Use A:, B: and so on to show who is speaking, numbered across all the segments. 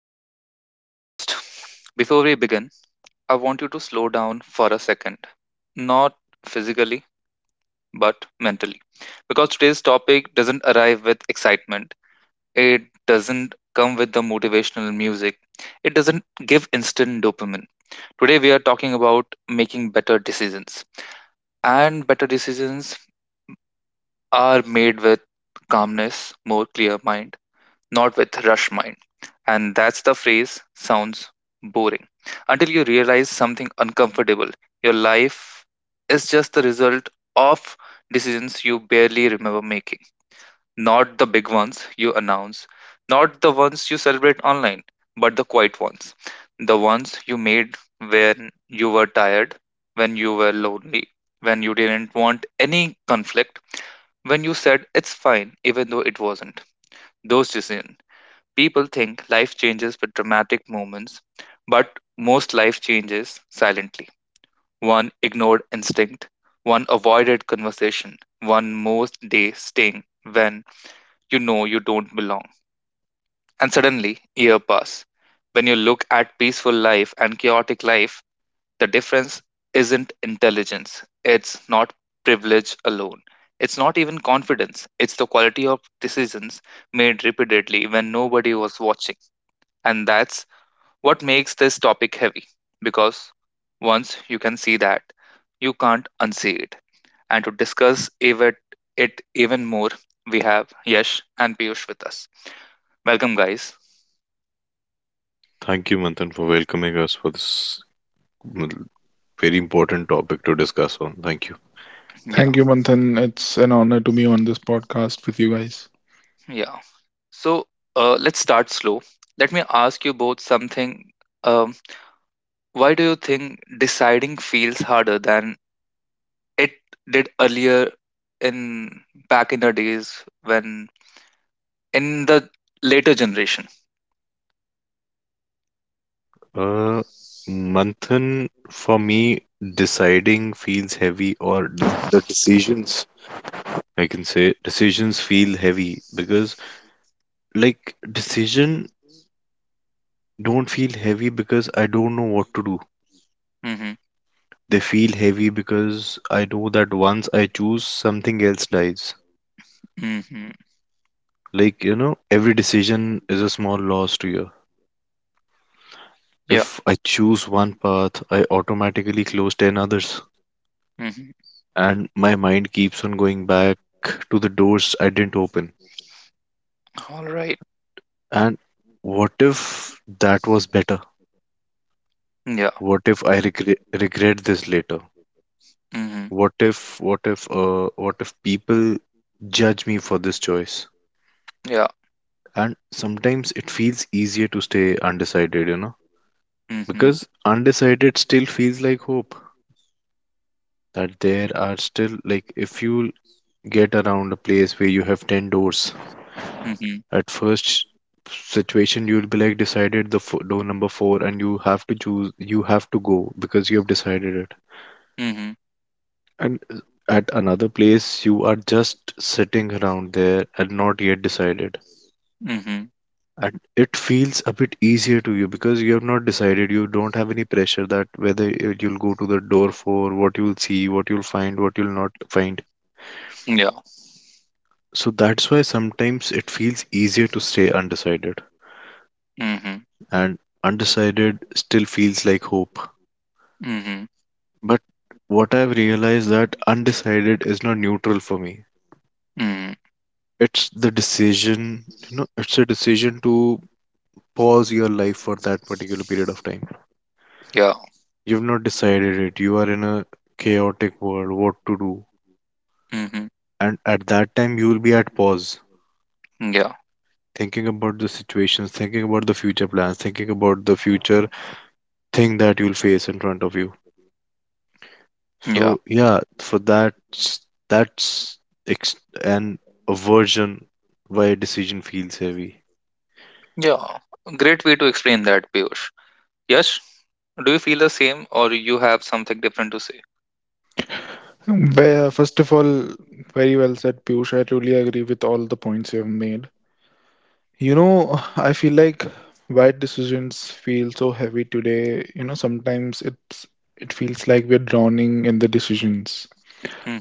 A: Welcome back to the podcast. Before we begin, I want you to slow down for a second, not physically, but mentally. Because today's topic doesn't arrive with excitement, it doesn't come with the motivational music, it doesn't give instant dopamine. Today, we are talking about making better decisions. And better decisions are made with calmness, more clear mind, not with rush mind. And that's the phrase sounds boring. Until you realize something uncomfortable, your life is just the result of decisions you barely remember making. Not the big ones you announce, not the ones you celebrate online, but the quiet ones. The ones you made when you were tired, when you were lonely, when you didn't want any conflict, when you said it's fine even though it wasn't. Those decisions. People think life changes with dramatic moments, but most life changes silently. One ignored instinct, one avoided conversation, one most day staying when you know you don't belong. And suddenly, year pass. When you look at peaceful life and chaotic life, the difference isn't intelligence. It's not privilege alone. It's not even confidence. It's the quality of decisions made repeatedly when nobody was watching, and that's what makes this topic heavy. Because once you can see that, you can't unsee it. And to discuss even more, we have Yash and Piyush with us. Welcome, guys.
B: Thank you, Manthan, for welcoming us for this mm, very important topic to discuss on. Thank you.
A: Yeah,
C: Thank you, Manthan. It's an honor to be on this podcast with you guys.
A: yeah. So let's start slow. Let me ask you both something. Um, why do you think deciding feels harder than it did earlier in back in the days when in the later generation?
B: Uh, Manthan, for me, deciding feels heavy, or the decisions, I can say, decisions feel heavy because, like, decision don't feel heavy because I don't know what to do.
A: Mm-hmm,
B: They feel heavy because I know that once I choose, something else dies.
A: mm-hmm.
B: Like, you know, every decision is a small loss to you.
A: Yeah.
B: If I choose one path, I automatically close 10 others,
A: Mhm.
B: and my mind keeps on going back to the doors I didn't open.
A: Alright.
B: And what if that was better?
A: Yeah.
B: What if I regret this later?
A: Mhm.
B: What if people judge me for this choice?
A: Yeah.
B: And sometimes it feels easier to stay undecided, you know,
A: Mhm.
B: because undecided still feels like hope. That there are still like if you get around a place where you have 10 doors.
A: Mhm.
B: At first situation, you'll be like decided the fo door number four, and you have to choose, you have to go because you have decided it.
A: Mhm.
B: And at another place, you are just sitting around there and not yet decided.
A: Mhm.
B: And it feels a bit easier to you because you have not decided. You don't have any pressure that whether you'll go to the door, for what you'll see, what you'll find, what you'll not find.
A: Yeah.
B: So that's why sometimes it feels easier to stay undecided.
A: Mhm.
B: And undecided still feels like hope.
A: Mhm.
B: But what I've realized that undecided is not neutral for me.
A: Mhm.
B: It's the decision, you know, it's a decision to pause your life for that particular period of time.
A: Yeah.
B: You've not decided it. You are in a chaotic world, what to do.
A: Mhm.
B: And at that time, you will be at pause,
A: Yeah.
B: thinking about the situations, thinking about the future plans, thinking about the future thing that you'll face in front of you.
A: Yeah.
B: So yeah, for that's ex- an aversion why decision feels heavy.
A: Yeah. Great way to explain that, Piyush. Yes? Do you feel the same or you have something different to say?
C: Well, first of all, very well said, Piyush. I truly agree with all the points you have made. You know, I feel like why decisions feel so heavy today. You know, sometimes it feels like we're drowning in the decisions.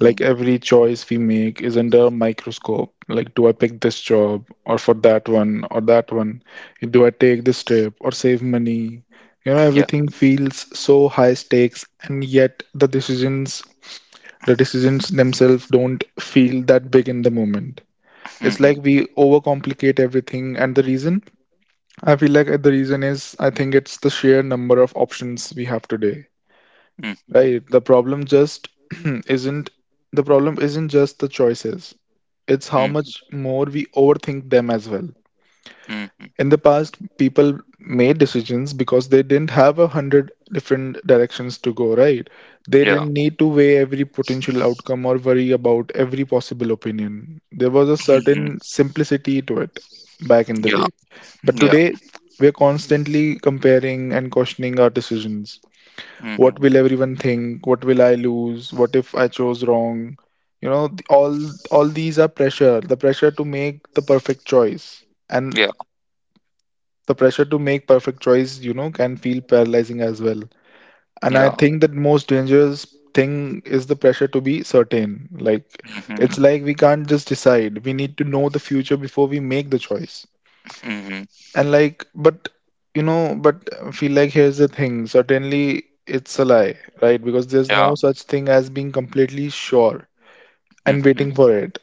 C: Like every choice we make is under a microscope. Like, do I pick this job or for that one? Do I take this trip or save money? You know,
A: Yeah.
C: everything feels so high stakes, and yet the decisions themselves don't feel that big in the moment. It's like
A: Mhm.
C: we overcomplicate everything, and the reason I feel like the reason is, I think it's the sheer number of options we have today.
A: Mhm.
C: Right. The problem just isn't The problem isn't just the choices. It's how
A: Mhm.
C: much more we overthink them as well.
A: Mhm.
C: In the past, people made decisions because they didn't have a hundred different directions to go, right? They
A: Yeah.
C: didn't need to weigh every potential outcome or worry about every possible opinion. There was a
A: Mhm.
C: certain simplicity to it back in the
A: Yeah.
C: day. But
A: Yeah.
C: today, we're constantly comparing and questioning our decisions. What
A: Mhm.
C: will everyone think? What will I lose? What if I chose wrong? You know, all these are pressure, the pressure to make the perfect choice. And
A: Yeah.
C: the pressure to make perfect choice, you know, can feel paralyzing as well. And I
A: Yeah.
C: think that most dangerous thing is the pressure to be certain. Like,
A: Mhm.
C: it's like we can't just decide. We need to know the future before we make the choice.
A: Mhm.
C: And like, but feel like here's the thing. Certainly it's a lie, right? Because there's
A: Yeah.
C: no such thing as being completely sure and
A: Mhm.
C: waiting for it,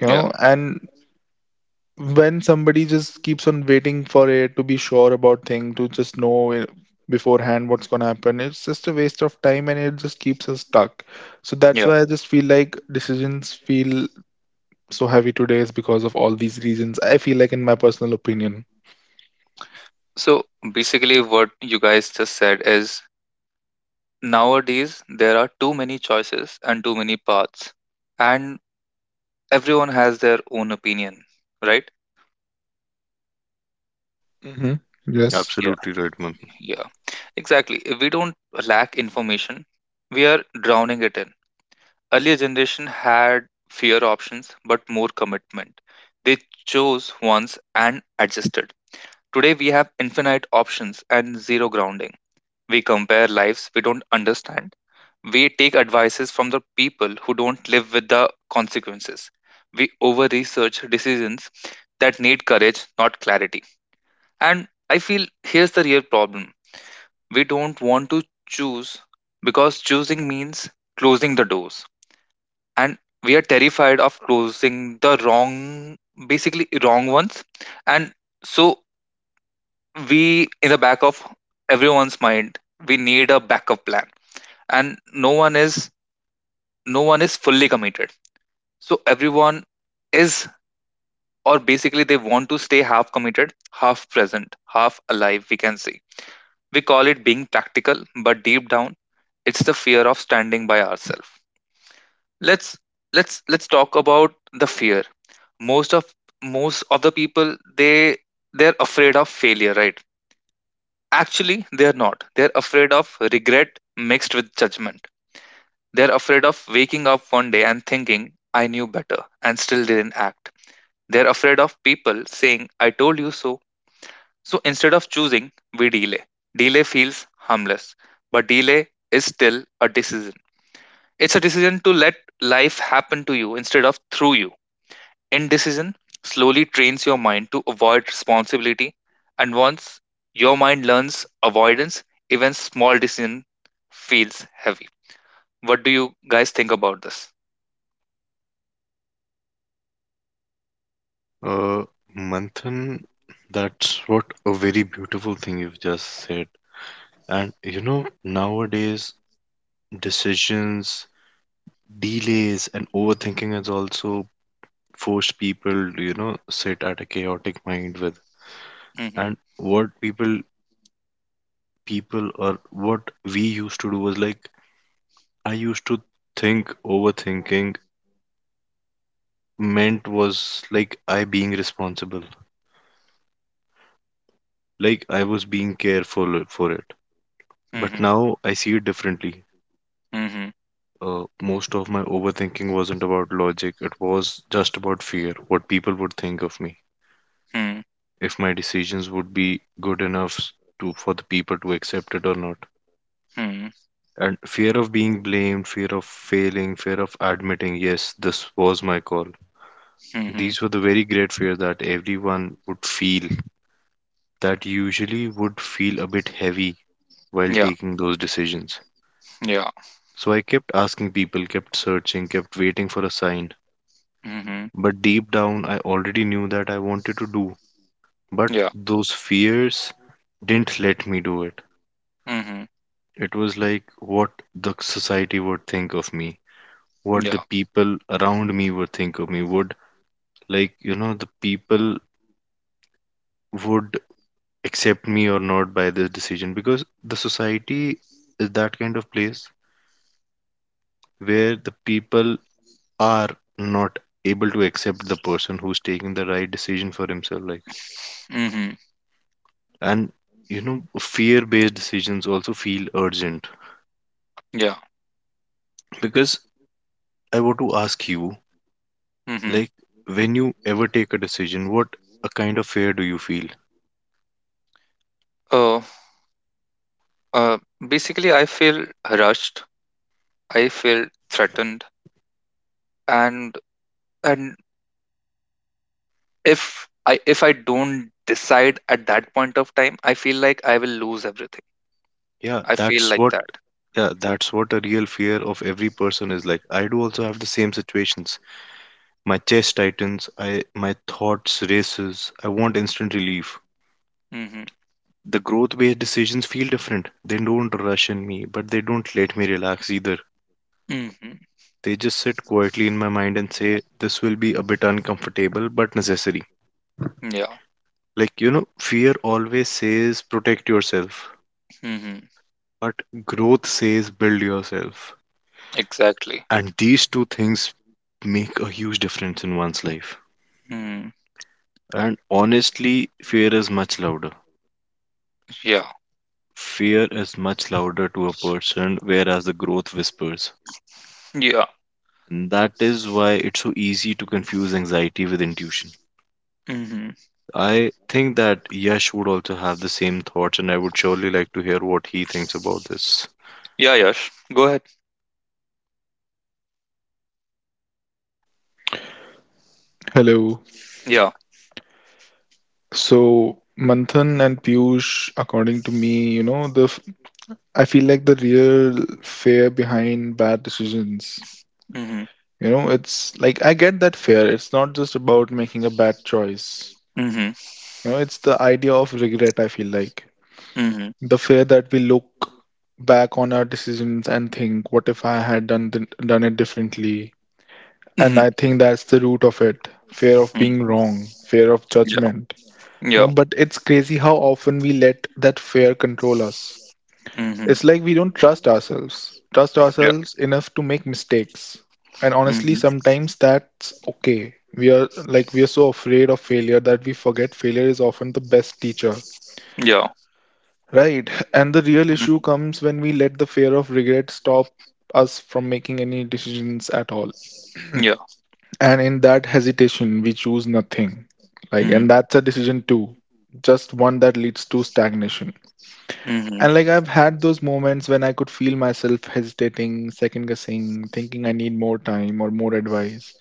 C: you
A: Yeah.
C: know? And when somebody just keeps on waiting for it to be sure about thing, to just know it beforehand what's gonna happen, it's just a waste of time and it just keeps us stuck. So that's
A: Yeah.
C: why I just feel like decisions feel so heavy today is because of all these reasons. I feel like in my personal opinion.
A: So basically, what you guys just said is nowadays there are too many choices and too many paths, and everyone has their own opinion, right?
C: Hmm. Yes.
A: Yeah.
B: Absolutely right, Manthan.
A: Yeah, exactly. We don't lack information, we are drowning it in. Earlier generation had fewer options but more commitment. They chose once and adjusted. Today we have infinite options and zero grounding. We compare lives we don't understand. We take advices from the people who don't live with the consequences. We over research decisions that need courage, not clarity. And I feel here's the real problem: we don't want to choose because choosing means closing the doors. And we are terrified of closing the wrong, basically, wrong ones. And so, we, in the back of everyone's mind, we need a backup plan, and no one is fully committed, so everyone is, or basically they want to stay half committed, half present, half alive, we can say. We call it being practical, but deep down it's the fear of standing by ourselves. Let's let's let's talk about the fear. Most of most of the people, they're afraid of failure, right? Actually, they're not, they're afraid of regret mixed with judgment. They're afraid of waking up one day and thinking, I knew better and still didn't act. They're afraid of people saying, I told you so. So instead of choosing, we delay. Delay feels harmless, but delay is still a decision. It's a decision to let life happen to you instead of through you. Indecision slowly trains your mind to avoid responsibility, and once your mind learns avoidance, even small decision feels heavy. What do you guys think about this?
B: Uh, Manthan, that's what a very beautiful thing you've just said. And you know, nowadays decisions, delays, and overthinking has also forced people to, you know, sit at a chaotic mind with.
A: Mm-hmm.
B: And what people or what we used to do was like I used to think overthinking meant was like I being responsible, like I was being careful for it. But
A: Mhm.
B: now I see it differently.
A: Mhm.
B: Most of my overthinking wasn't about logic, it was just about fear, what people would think of me,
A: Mhm.
B: if my decisions would be good enough to for the people to accept it or not.
A: Mhm.
B: And fear of being blamed, fear of failing, fear of admitting, yes, this was my call.
A: Mhm.
B: These were the very great fear that everyone would feel that usually would feel a bit heavy while
A: Yeah.
B: taking those decisions.
A: Yeah.
B: So I kept asking people, kept searching, kept waiting for a sign.
A: Mhm.
B: But deep down, I already knew that I wanted to do. But
A: Yeah.
B: those fears didn't let me do it.
A: Mhm.
B: It was like what the society would think of me, what the
A: Yeah.
B: people around me would think of me, would like, you know, the people would accept me or not by this decision, because the society is that kind of place where the people are not able to accept the person who's taking the right decision for himself, like.
A: Mhm.
B: And you know, fear based decisions also feel urgent
A: Yeah.
B: because I want to ask you,
A: Mhm.
B: like, when you ever take a decision, what a kind of fear do you feel?
A: Oh. uh, Basically, I feel rushed. I feel threatened, and and if I don't decide at that point of time, I feel like I will lose everything.
B: Yeah,
A: I feel
B: that's
A: like
B: what.
A: that.
B: Yeah, that's what a real fear of every person is like. I do also have the same situations. My chest tightens, I my thoughts races. I want instant relief.
A: Mhm.
B: The growth based decisions feel different. They don't rush in me, but they don't let me relax either.
A: Mhm.
B: They just sit quietly in my mind and say, this will be a bit uncomfortable but necessary.
A: Yeah.
B: Like, you know, fear always says protect yourself,
A: Mhm.
B: but growth says build yourself.
A: Exactly.
B: And these two things make a huge difference in one's life.
A: Mhm.
B: And honestly, fear is much louder.
A: Yeah.
B: Fear is much louder to a person, whereas the growth whispers.
A: Yeah.
B: And that is why it's so easy to confuse anxiety with intuition.
A: Mhm.
B: I think that Yash would also have the same thoughts, and I would surely like to hear what he thinks about this.
A: Yeah. Yash, go ahead.
C: Hello.
A: Yeah.
C: So Manthan and Piyush, according to me, you know, I feel like the real fear behind bad decisions.
A: Mhm.
C: You know, it's like I get that fear. It's not just about making a bad choice.
A: Mhm.
C: You know, it's the idea of regret, I feel like.
A: Mhm.
C: The fear that we look back on our decisions and think, what if I had done it differently? And
A: Mhm.
C: I think that's the root of it. Fear of being wrong, fear of
A: Yeah.
C: judgment. You
A: Yeah.
C: know,
A: Ja.
C: but it's crazy how often we let that fear control us.
A: Mhm.
C: It's like we don't trust ourselves, trust
A: Ja.
C: ourselves enough to make mistakes. And honestly,
A: Mhm.
C: sometimes that's okay. We are so afraid of failure that we forget failure is often the best teacher.
A: Ja.
C: Right. And the real
A: Mhm.
C: issue comes when we let the fear of regret stop us from making any decisions at all.
A: Ja.
C: And in that hesitation, we choose nothing. Like, and that's a decision too, just one that leads to stagnation.
A: Mhm.
C: And like, I've had those moments when I could feel myself hesitating, second guessing, thinking I need more time or more advice.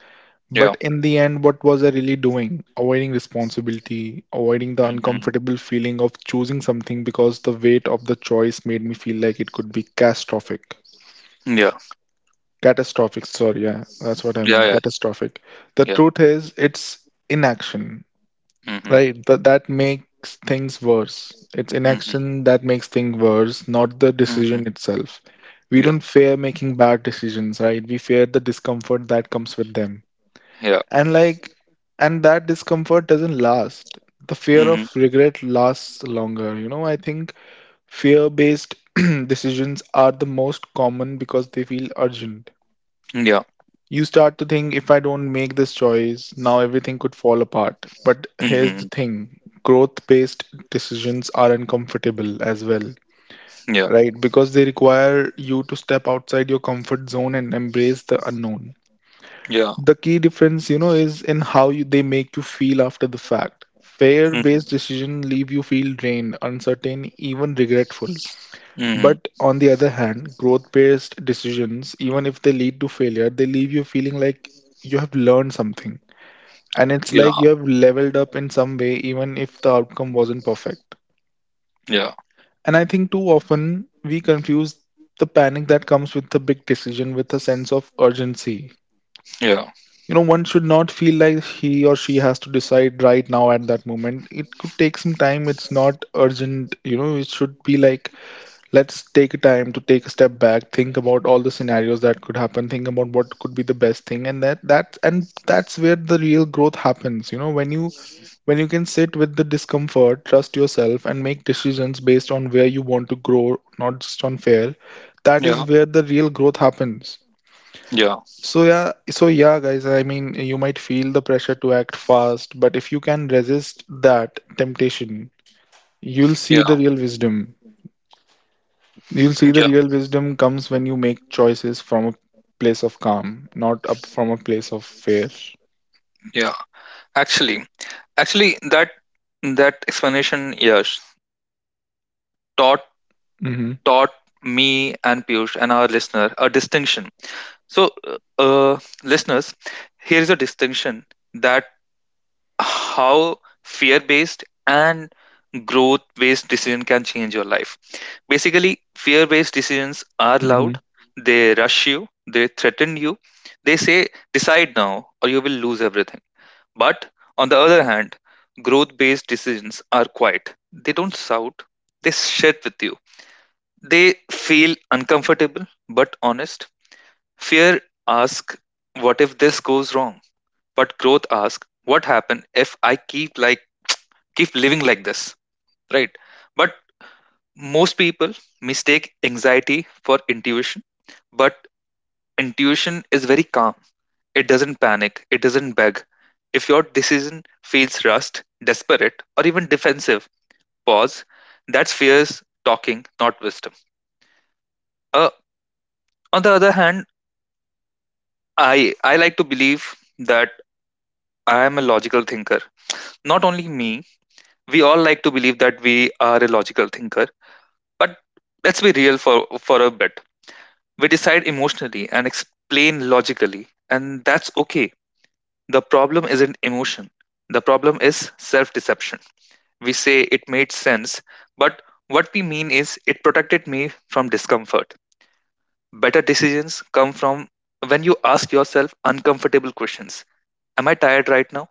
A: Yeah.
C: But
A: Ja.
C: in the end, what was I really doing? Avoiding responsibility, avoiding the
A: Mhm.
C: uncomfortable feeling of choosing something because the weight of the choice made me feel like it could be catastrophic.
A: Yeah.
C: Catastrophic, sorry, yeah, that's what I
A: Yeah.
C: mean,
A: Yeah.
C: catastrophic. The
A: ja.
C: truth is, it's inaction.
A: Mhm.
C: Right, that makes things worse. It's
A: Mhm.
C: inaction that makes things worse, not the
A: Mhm.
C: decision itself. We
A: Yeah.
C: don't fear making bad decisions, right? We fear the discomfort that comes with them.
A: Ja.
C: And like and that discomfort doesn't last. The fear
A: Mhm.
C: of regret lasts longer. You know, I think fear-based decisions are the most common because they feel urgent.
A: Ja.
C: You start to think, if I don't make this choice now, everything could fall apart. But here's the
A: Mhm.
C: thing, growth based decisions are uncomfortable as well,
A: Yeah.
C: right? Because they require you to step outside your comfort zone and embrace the unknown.
A: Ja.
C: The key difference, you know, is in how they make you feel after the fact. Fear
A: Mhm.
C: based decisions leave you feel drained, uncertain, even regretful.
A: Mhm.
C: But on the other hand, growth-based decisions, even if they lead to failure, they leave you feeling like you have learned something. And it's
A: Yeah.
C: like you have leveled up in some way, even if the outcome wasn't perfect.
A: Yeah.
C: And I think too often we confuse the panic that comes with a big decision with a sense of urgency.
A: Yeah.
C: You know, one should not feel like he or she has to decide right now at that moment. It could take some time. It's not urgent. You know, it should be like, let's take a time to take a step back, think about all the scenarios that could happen, think about what could be the best thing. And that's where the real growth happens, you know, when you can sit with the discomfort, trust yourself, and make decisions based on where you want to grow, not just on fear. That is
A: Yeah.
C: where the real growth happens.
A: Yeah.
C: So yeah, guys, I mean, you might feel the pressure to act fast, but if you can resist that temptation, you'll see
A: Yeah.
C: the real wisdom you'll see the
A: Yeah.
C: real wisdom comes when you make choices from a place of calm, not up from a place of fear.
A: Yeah. Actually, actually, that that explanation, yes, taught
C: Hmm.
A: taught me and Piyush and our listener a distinction. So, listeners, here is a distinction that how fear-based and growth-based decision can change your life. Basically, fear-based decisions are
C: Hmm.
A: loud. They rush you. They threaten you. They say, "Decide now, or you will lose everything." But on the other hand, growth based decisions are quiet. They don't shout, they shit with you. They feel uncomfortable but honest. Fear asks, what if this goes wrong? But growth asks, what happen if I keep living like this? Right? But most people mistake anxiety for intuition, but intuition is very calm. It doesn't panic, it doesn't beg. If your decision feels rushed, desperate, or even defensive, pause. That's fears talking, not wisdom. Uh, on the other hand, I like to believe that I am a logical thinker. Not only me, we all like to believe that we are a logical thinker. But let's be real for a bit. We decide emotionally and explain logically, and that's okay. The problem isn't emotion. The problem is self deception. We say it made sense, but what we mean is it protected me from discomfort. Better decisions come from when you ask yourself uncomfortable questions. Am I tired right now?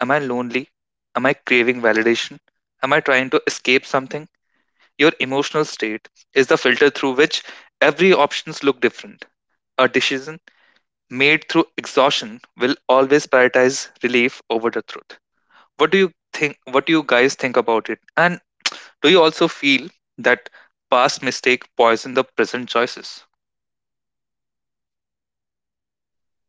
A: Am I lonely? Am I craving validation? Am I trying to escape something? Your emotional state is the filter through which every options look different. A decision made through exhaustion will always prioritize relief over the truth. What do you think? What do you guys think about it? And do you also feel that past mistake poison the present choices?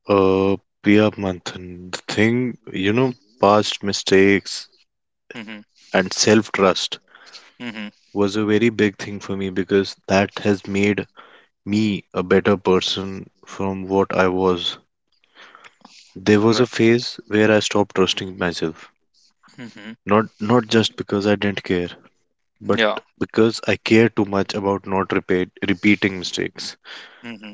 B: Uh, Priya Manthan, the thing, you know, past mistakes
A: Mm-hmm.
B: and self trust
A: Mm-hmm.
B: was a very big thing for me because that has made me a better person from what I was. There was a
A: Right.
B: phase where I stopped trusting myself.
A: Mm-hmm.
B: Not just because I didn't care, but
A: Yeah.
B: because I care too much about not repeating mistakes,
A: Mm-hmm.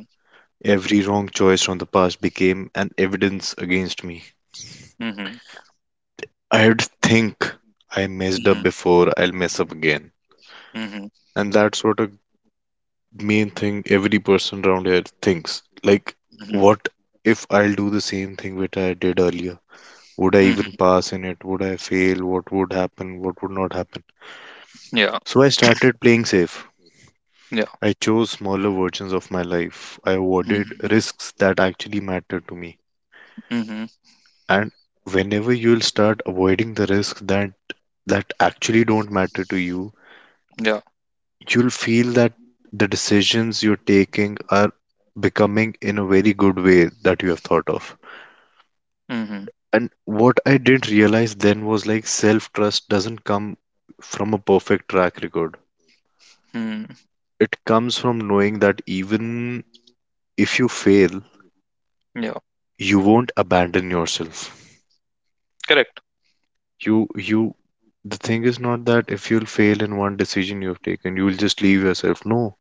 B: every wrong choice from the past became an evidence against me.
A: Mm-hmm.
B: I had to think I messed
A: Mm-hmm.
B: up before I'll mess up again.
A: Mm-hmm.
B: And that's what a main thing every person around here thinks. Like,
A: Mm-hmm.
B: what if I'll do the same thing which I did earlier? Would I even
A: Mm-hmm.
B: pass in it? Would I fail? What would happen? What would not happen?
A: Yeah.
B: So I started playing safe.
A: Yeah.
B: I chose smaller versions of my life. I avoided
A: Mm-hmm.
B: risks that actually mattered to me.
A: Mm-hmm.
B: And whenever you'll start avoiding the risks that actually don't matter to you,
A: Yeah.
B: you'll feel that the decisions you're taking are becoming in a very good way that you have thought of.
A: Mm-hmm.
B: And what I didn't realize then was like self-trust doesn't come from a perfect track record.
A: Mm-hmm.
B: It comes from knowing that even if you fail,
A: Yeah.
B: you won't abandon yourself.
A: Correct.
B: You the thing is not that if you'll fail in one decision you have taken, you'll just leave yourself. No,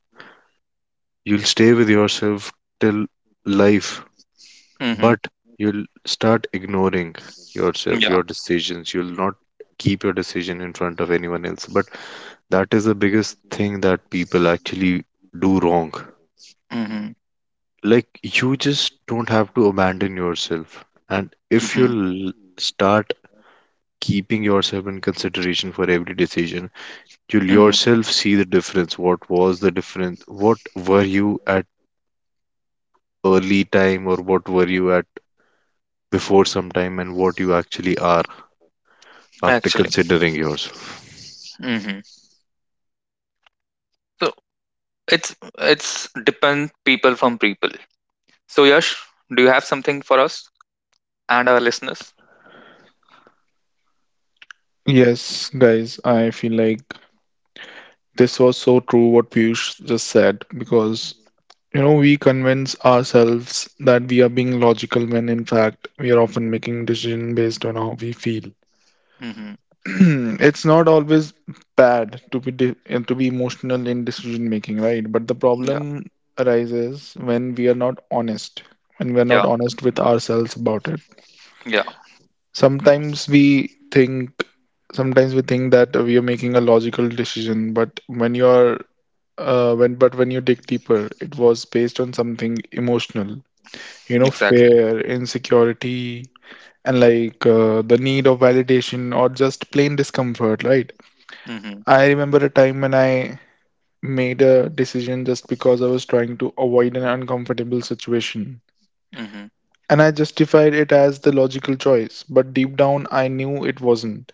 B: you'll stay with yourself till life.
A: Mm-hmm.
B: But you'll start ignoring yourself,
A: Yeah.
B: your decisions. You'll not keep your decision in front of anyone else, but that is the biggest thing that people actually do wrong.
A: Mm-hmm.
B: Like, you just don't have to abandon yourself. And if
A: Mm-hmm.
B: you'll start keeping yourself in consideration for every decision, you will
A: Mm-hmm.
B: yourself see the difference. What was the difference? What were you at early time, or what were you at before some time, and what you actually are after
A: Actually.
B: considering yourself?
A: Mm-hmm. So it's depend people from people. So Yash, do you have something for us and our listeners?
C: Yes, guys, I feel like this was so true what Piyush just said, because you know we convince ourselves that we are being logical when in fact we are often making decision based on how we feel.
A: Mm-hmm.
C: It's not always bad to be emotional in decision making, right? But the
A: Yeah.
C: problem arises when we are not honest, when we are
A: Yeah.
C: not honest with ourselves about it.
A: Yeah.
C: Sometimes we think, sometimes we think that we are making a logical decision, but when you dig deeper, it was based on something emotional, you know,
A: Exactly.
C: fear, insecurity, and like the need of validation or just plain discomfort, right?
A: Mm-hmm.
C: I remember a time when I made a decision just because I was trying to avoid an uncomfortable situation.
A: Mm-hmm.
C: And I justified it as the logical choice, but deep down I knew it wasn't.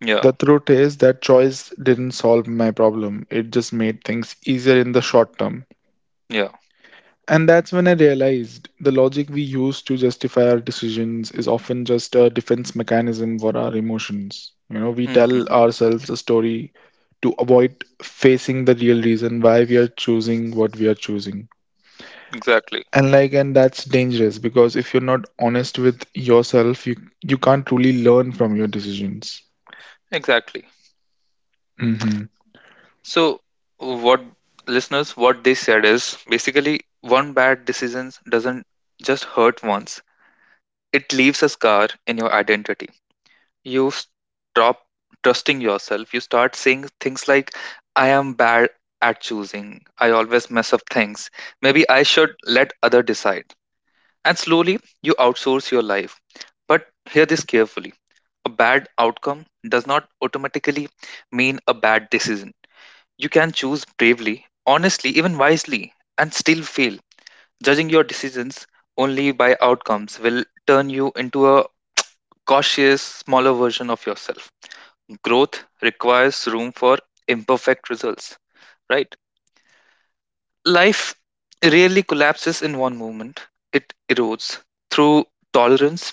A: Yeah.
C: The truth is, that choice didn't solve my problem, it just made things easier in the short term.
A: Yeah.
C: And that's when I realized the logic we use to justify our decisions is often just a defense mechanism for our emotions. You know, we tell
A: Mm-hmm.
C: ourselves a story to avoid facing the real reason why we are choosing what we are choosing.
A: Exactly.
C: And like, and that's dangerous, because if you're not honest with yourself, you can't truly learn from your decisions.
A: Exactly.
C: Mm-hmm.
A: So what listeners, what they said is basically one bad decision doesn't just hurt once. It leaves a scar in your identity. You stop trusting yourself. You start saying things like, I am bad at choosing. I always mess up things. Maybe I should let other decide. And slowly you outsource your life. But hear this carefully: a bad outcome does not automatically mean a bad decision. You can choose bravely, honestly, even wisely, and still fail. Judging your decisions only by outcomes will turn you into a cautious, smaller version of yourself. Growth requires room for imperfect results, right? Life rarely collapses in one moment, it erodes through tolerance,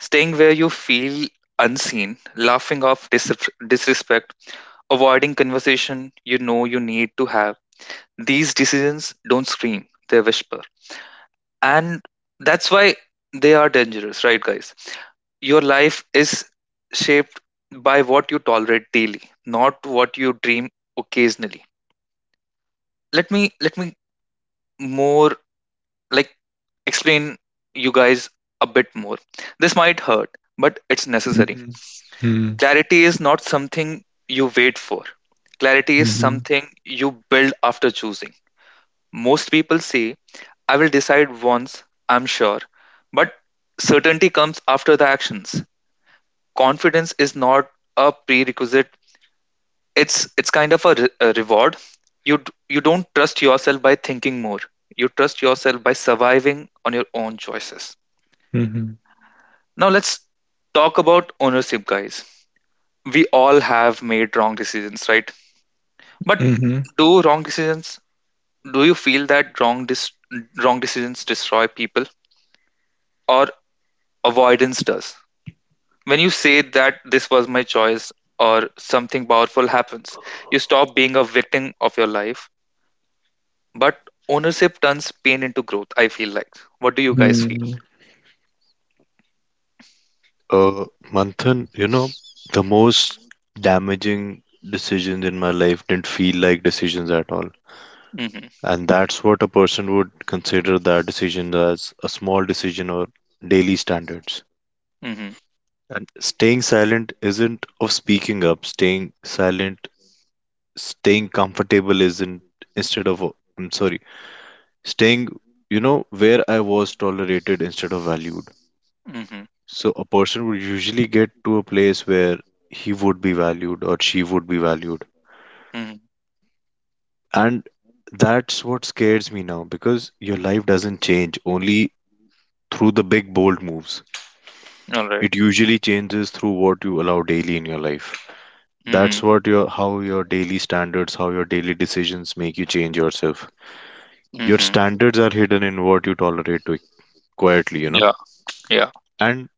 A: staying where you feel unseen, laughing off disrespect, avoiding conversation you know you need to have. These decisions don't scream, they whisper. And that's why they are dangerous, right, guys? Your life is shaped by what you tolerate daily, not what you dream occasionally. Let me more like explain you guys a bit more. This might hurt, but it's necessary.
C: Mm-hmm.
A: Clarity is not something you wait for. Clarity is
C: Mm-hmm.
A: something you build after choosing. Most people say, I will decide once, I'm sure. But certainty comes after the actions. Confidence is not a prerequisite. It's a reward. You don't trust yourself by thinking more. You trust yourself by surviving on your own choices.
C: Mm-hmm.
A: Now let's talk about ownership, guys. We all have made wrong decisions, right? But
C: Mm-hmm.
A: do wrong decisions? Do you feel that wrong decisions destroy people, or avoidance does? When you say that this was my choice, or something powerful happens, you stop being a victim of your life. But ownership turns pain into growth. I feel like. What do you guys feel?
C: Mm-hmm.
B: Uh, Manthan, you know, the most damaging decisions in my life didn't feel like decisions at all.
A: Mm-hmm.
B: And that's what a person would consider that decision as a small decision or daily standards.
A: Mm-hmm.
B: And staying silent isn't of speaking up. Staying silent staying comfortable isn't instead of, I'm sorry, staying, you know, where I was tolerated instead of valued.
A: Mm-hmm.
B: So a person would usually get to a place where he would be valued or she would be valued.
A: Mm-hmm.
B: And that's what scares me now, because your life doesn't change only through the big bold moves.
A: All
B: It
A: right.
B: usually changes through what you allow daily in your life.
A: Mm-hmm.
B: That's what your how your daily standards, how your daily decisions make you change yourself. Your
A: Mm-hmm.
B: standards are hidden in what you tolerate to quietly, you know.
A: Yeah. Yeah.
B: And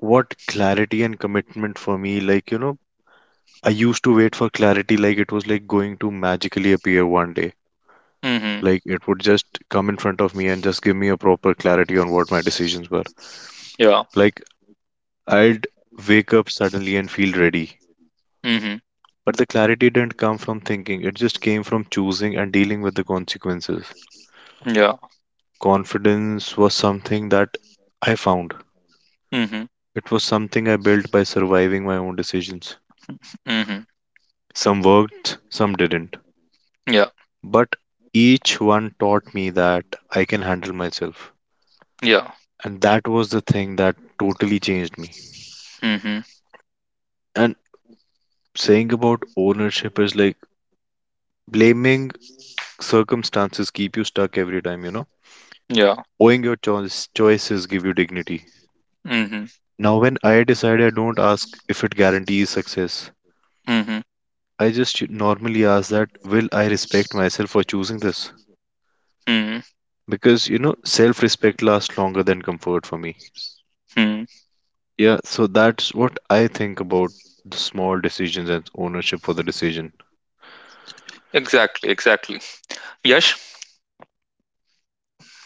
B: what clarity and commitment for me, like, you know, I used to wait for clarity like it was like going to magically appear one day.
A: Mm-hmm.
B: Like it would just come in front of me and just give me a proper clarity on what my decisions were.
A: Yeah.
B: Like I'd wake up suddenly and feel ready.
A: Mhm.
B: But the clarity didn't come from thinking, it just came from choosing and dealing with the consequences.
A: Yeah.
B: Confidence was something that I found.
A: Mhm.
B: It was something I built by surviving my own decisions.
A: Mhm.
B: Some worked, some didn't.
A: Yeah.
B: But each one taught me that I can handle myself.
A: Yeah.
B: And that was the thing that totally changed me.
A: Mhm.
B: And saying about ownership is like blaming circumstances keep you stuck every time, you know?
A: Yeah.
B: Owing your choice, choices give you dignity.
A: Mhm.
B: Now, when I decide, I don't ask if it guarantees success.
A: Mhm.
B: I just normally ask that will I respect myself for choosing this?
A: Mhm.
B: Because you know self-respect lasts longer than comfort for me.
A: Mhm.
B: Yeah, so that's what I think about the small decisions and ownership for the decision.
A: Exactly. Exactly. Yash,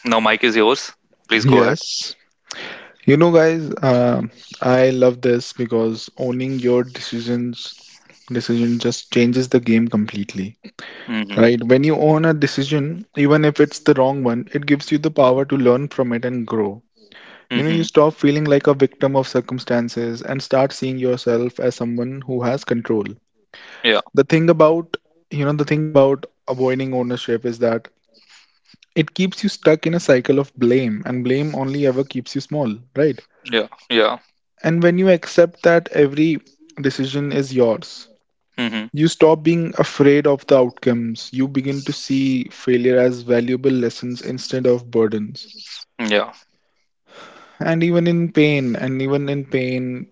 A: now mic is yours. Please go ahead.
C: Yes. You know, guys, I love this because owning your decision just changes the game completely.
A: Mhm.
C: Right? When you own a decision, even if it's the wrong one, it gives you the power to learn from it and grow. You know, you
A: Mhm.
C: stop feeling like a victim of circumstances and start seeing yourself as someone who has control.
A: Yeah.
C: The thing about, the thing about avoiding ownership is that it keeps you stuck in a cycle of blame, and blame only ever keeps you small, right?
A: Yeah. Yeah.
C: And when you accept that every decision is yours,
A: Mhm.
C: you stop being afraid of the outcomes. You begin to see failure as valuable lessons instead of burdens.
A: Yeah.
C: And even in pain, and even in pain,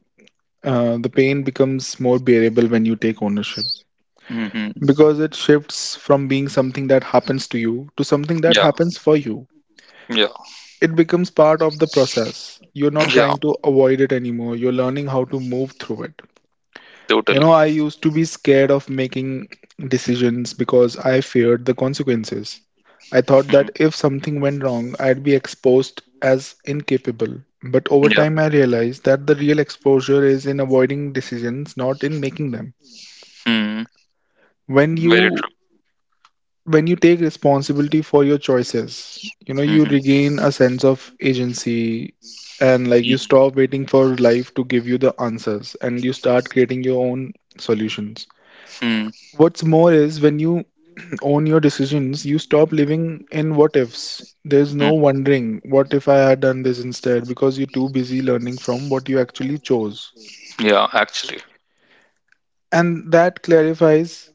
C: the pain becomes more bearable when you take ownership,
A: Mhm.
C: because it shifts from being something that happens to you to something that
A: Yeah.
C: happens for you.
A: Yeah.
C: It becomes part of the process. You're not
A: Yeah.
C: trying to avoid it anymore. You're learning how to move through it. You
A: Totally.
C: know, I used to be scared of making decisions because I feared the consequences. I thought that
A: Mhm.
C: if something went wrong, I'd be exposed as incapable. But over
A: Yeah.
C: time, I realized that the real exposure is in avoiding decisions, not in making them.
A: Mhm.
C: When
A: Very
C: you
A: true.
C: when you take responsibility for your choices, you know, you
A: Mhm.
C: regain a sense of agency, and like, you
A: Mhm.
C: stop waiting for life to give you the answers and you start creating your own solutions.
A: Mhm.
C: What's more is when you own your decisions, you stop living in what ifs. There's no
A: Mhm.
C: wondering, what if I had done this instead? Because you're too busy learning from what you actually chose.
A: Yeah. Actually.
C: And that clarifies,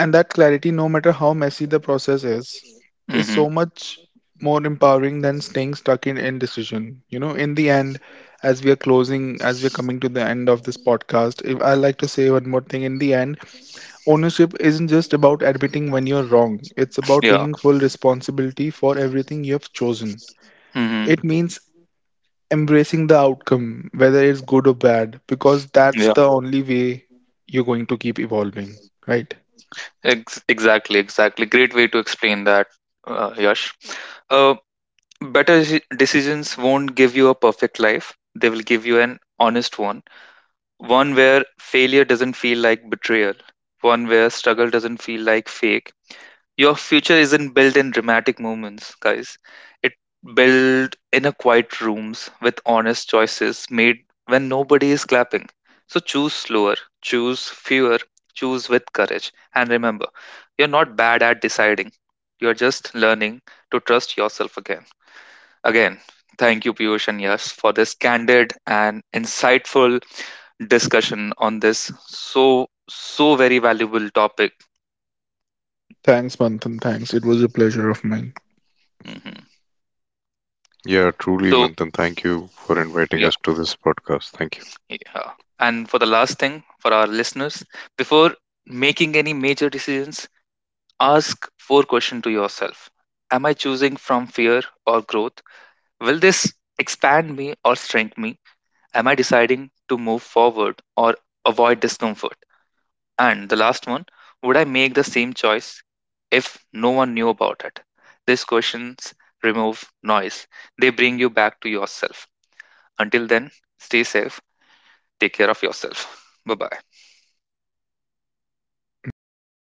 C: and that clarity, no matter how messy the process is
A: Mhm.
C: so much more empowering than staying stuck in indecision. You know, in the end, as we are closing, as we're coming to the end of this podcast, if I like to say one more thing, in the end, ownership isn't just about admitting when you're wrong, it's about
A: Yeah.
C: taking full responsibility for everything you have chosen.
A: Mhm.
C: It means embracing the outcome, whether it's good or bad, because that's the only way you're going to keep evolving, right?
A: Exactly, exactly. Great way to explain that, Yash. Uh, Better decisions won't give you a perfect life. They will give you an honest one, one where failure doesn't feel like betrayal, one where struggle doesn't feel like fake, your future isn't built in dramatic moments, guys. It built in a quiet rooms with honest choices made when nobody is clapping. So choose slower, choose fewer, choose with courage. And remember, you're not bad at deciding. You're just learning to trust yourself again. Again, thank you, Piyush and Yash, for this candid and insightful discussion on this so so very valuable topic.
C: Thanks, Manthan. Thanks. It was a pleasure of mine.
A: Mhm.
B: Yeah, truly,
A: So
B: Manthan. Thank you for inviting
A: yeah.
B: us to this podcast. Thank you.
A: Yeah. And for the last thing, for our listeners, before making any major decisions, ask four questions to yourself. Am I choosing from fear or growth? Will this expand me or strengthen me? Am I deciding to move forward or avoid discomfort? And the last one, would I make the same choice if no one knew about it? These questions remove noise. They bring you back to yourself. Until then, stay safe. Take care of yourself. Bye bye.
C: Bye, guys.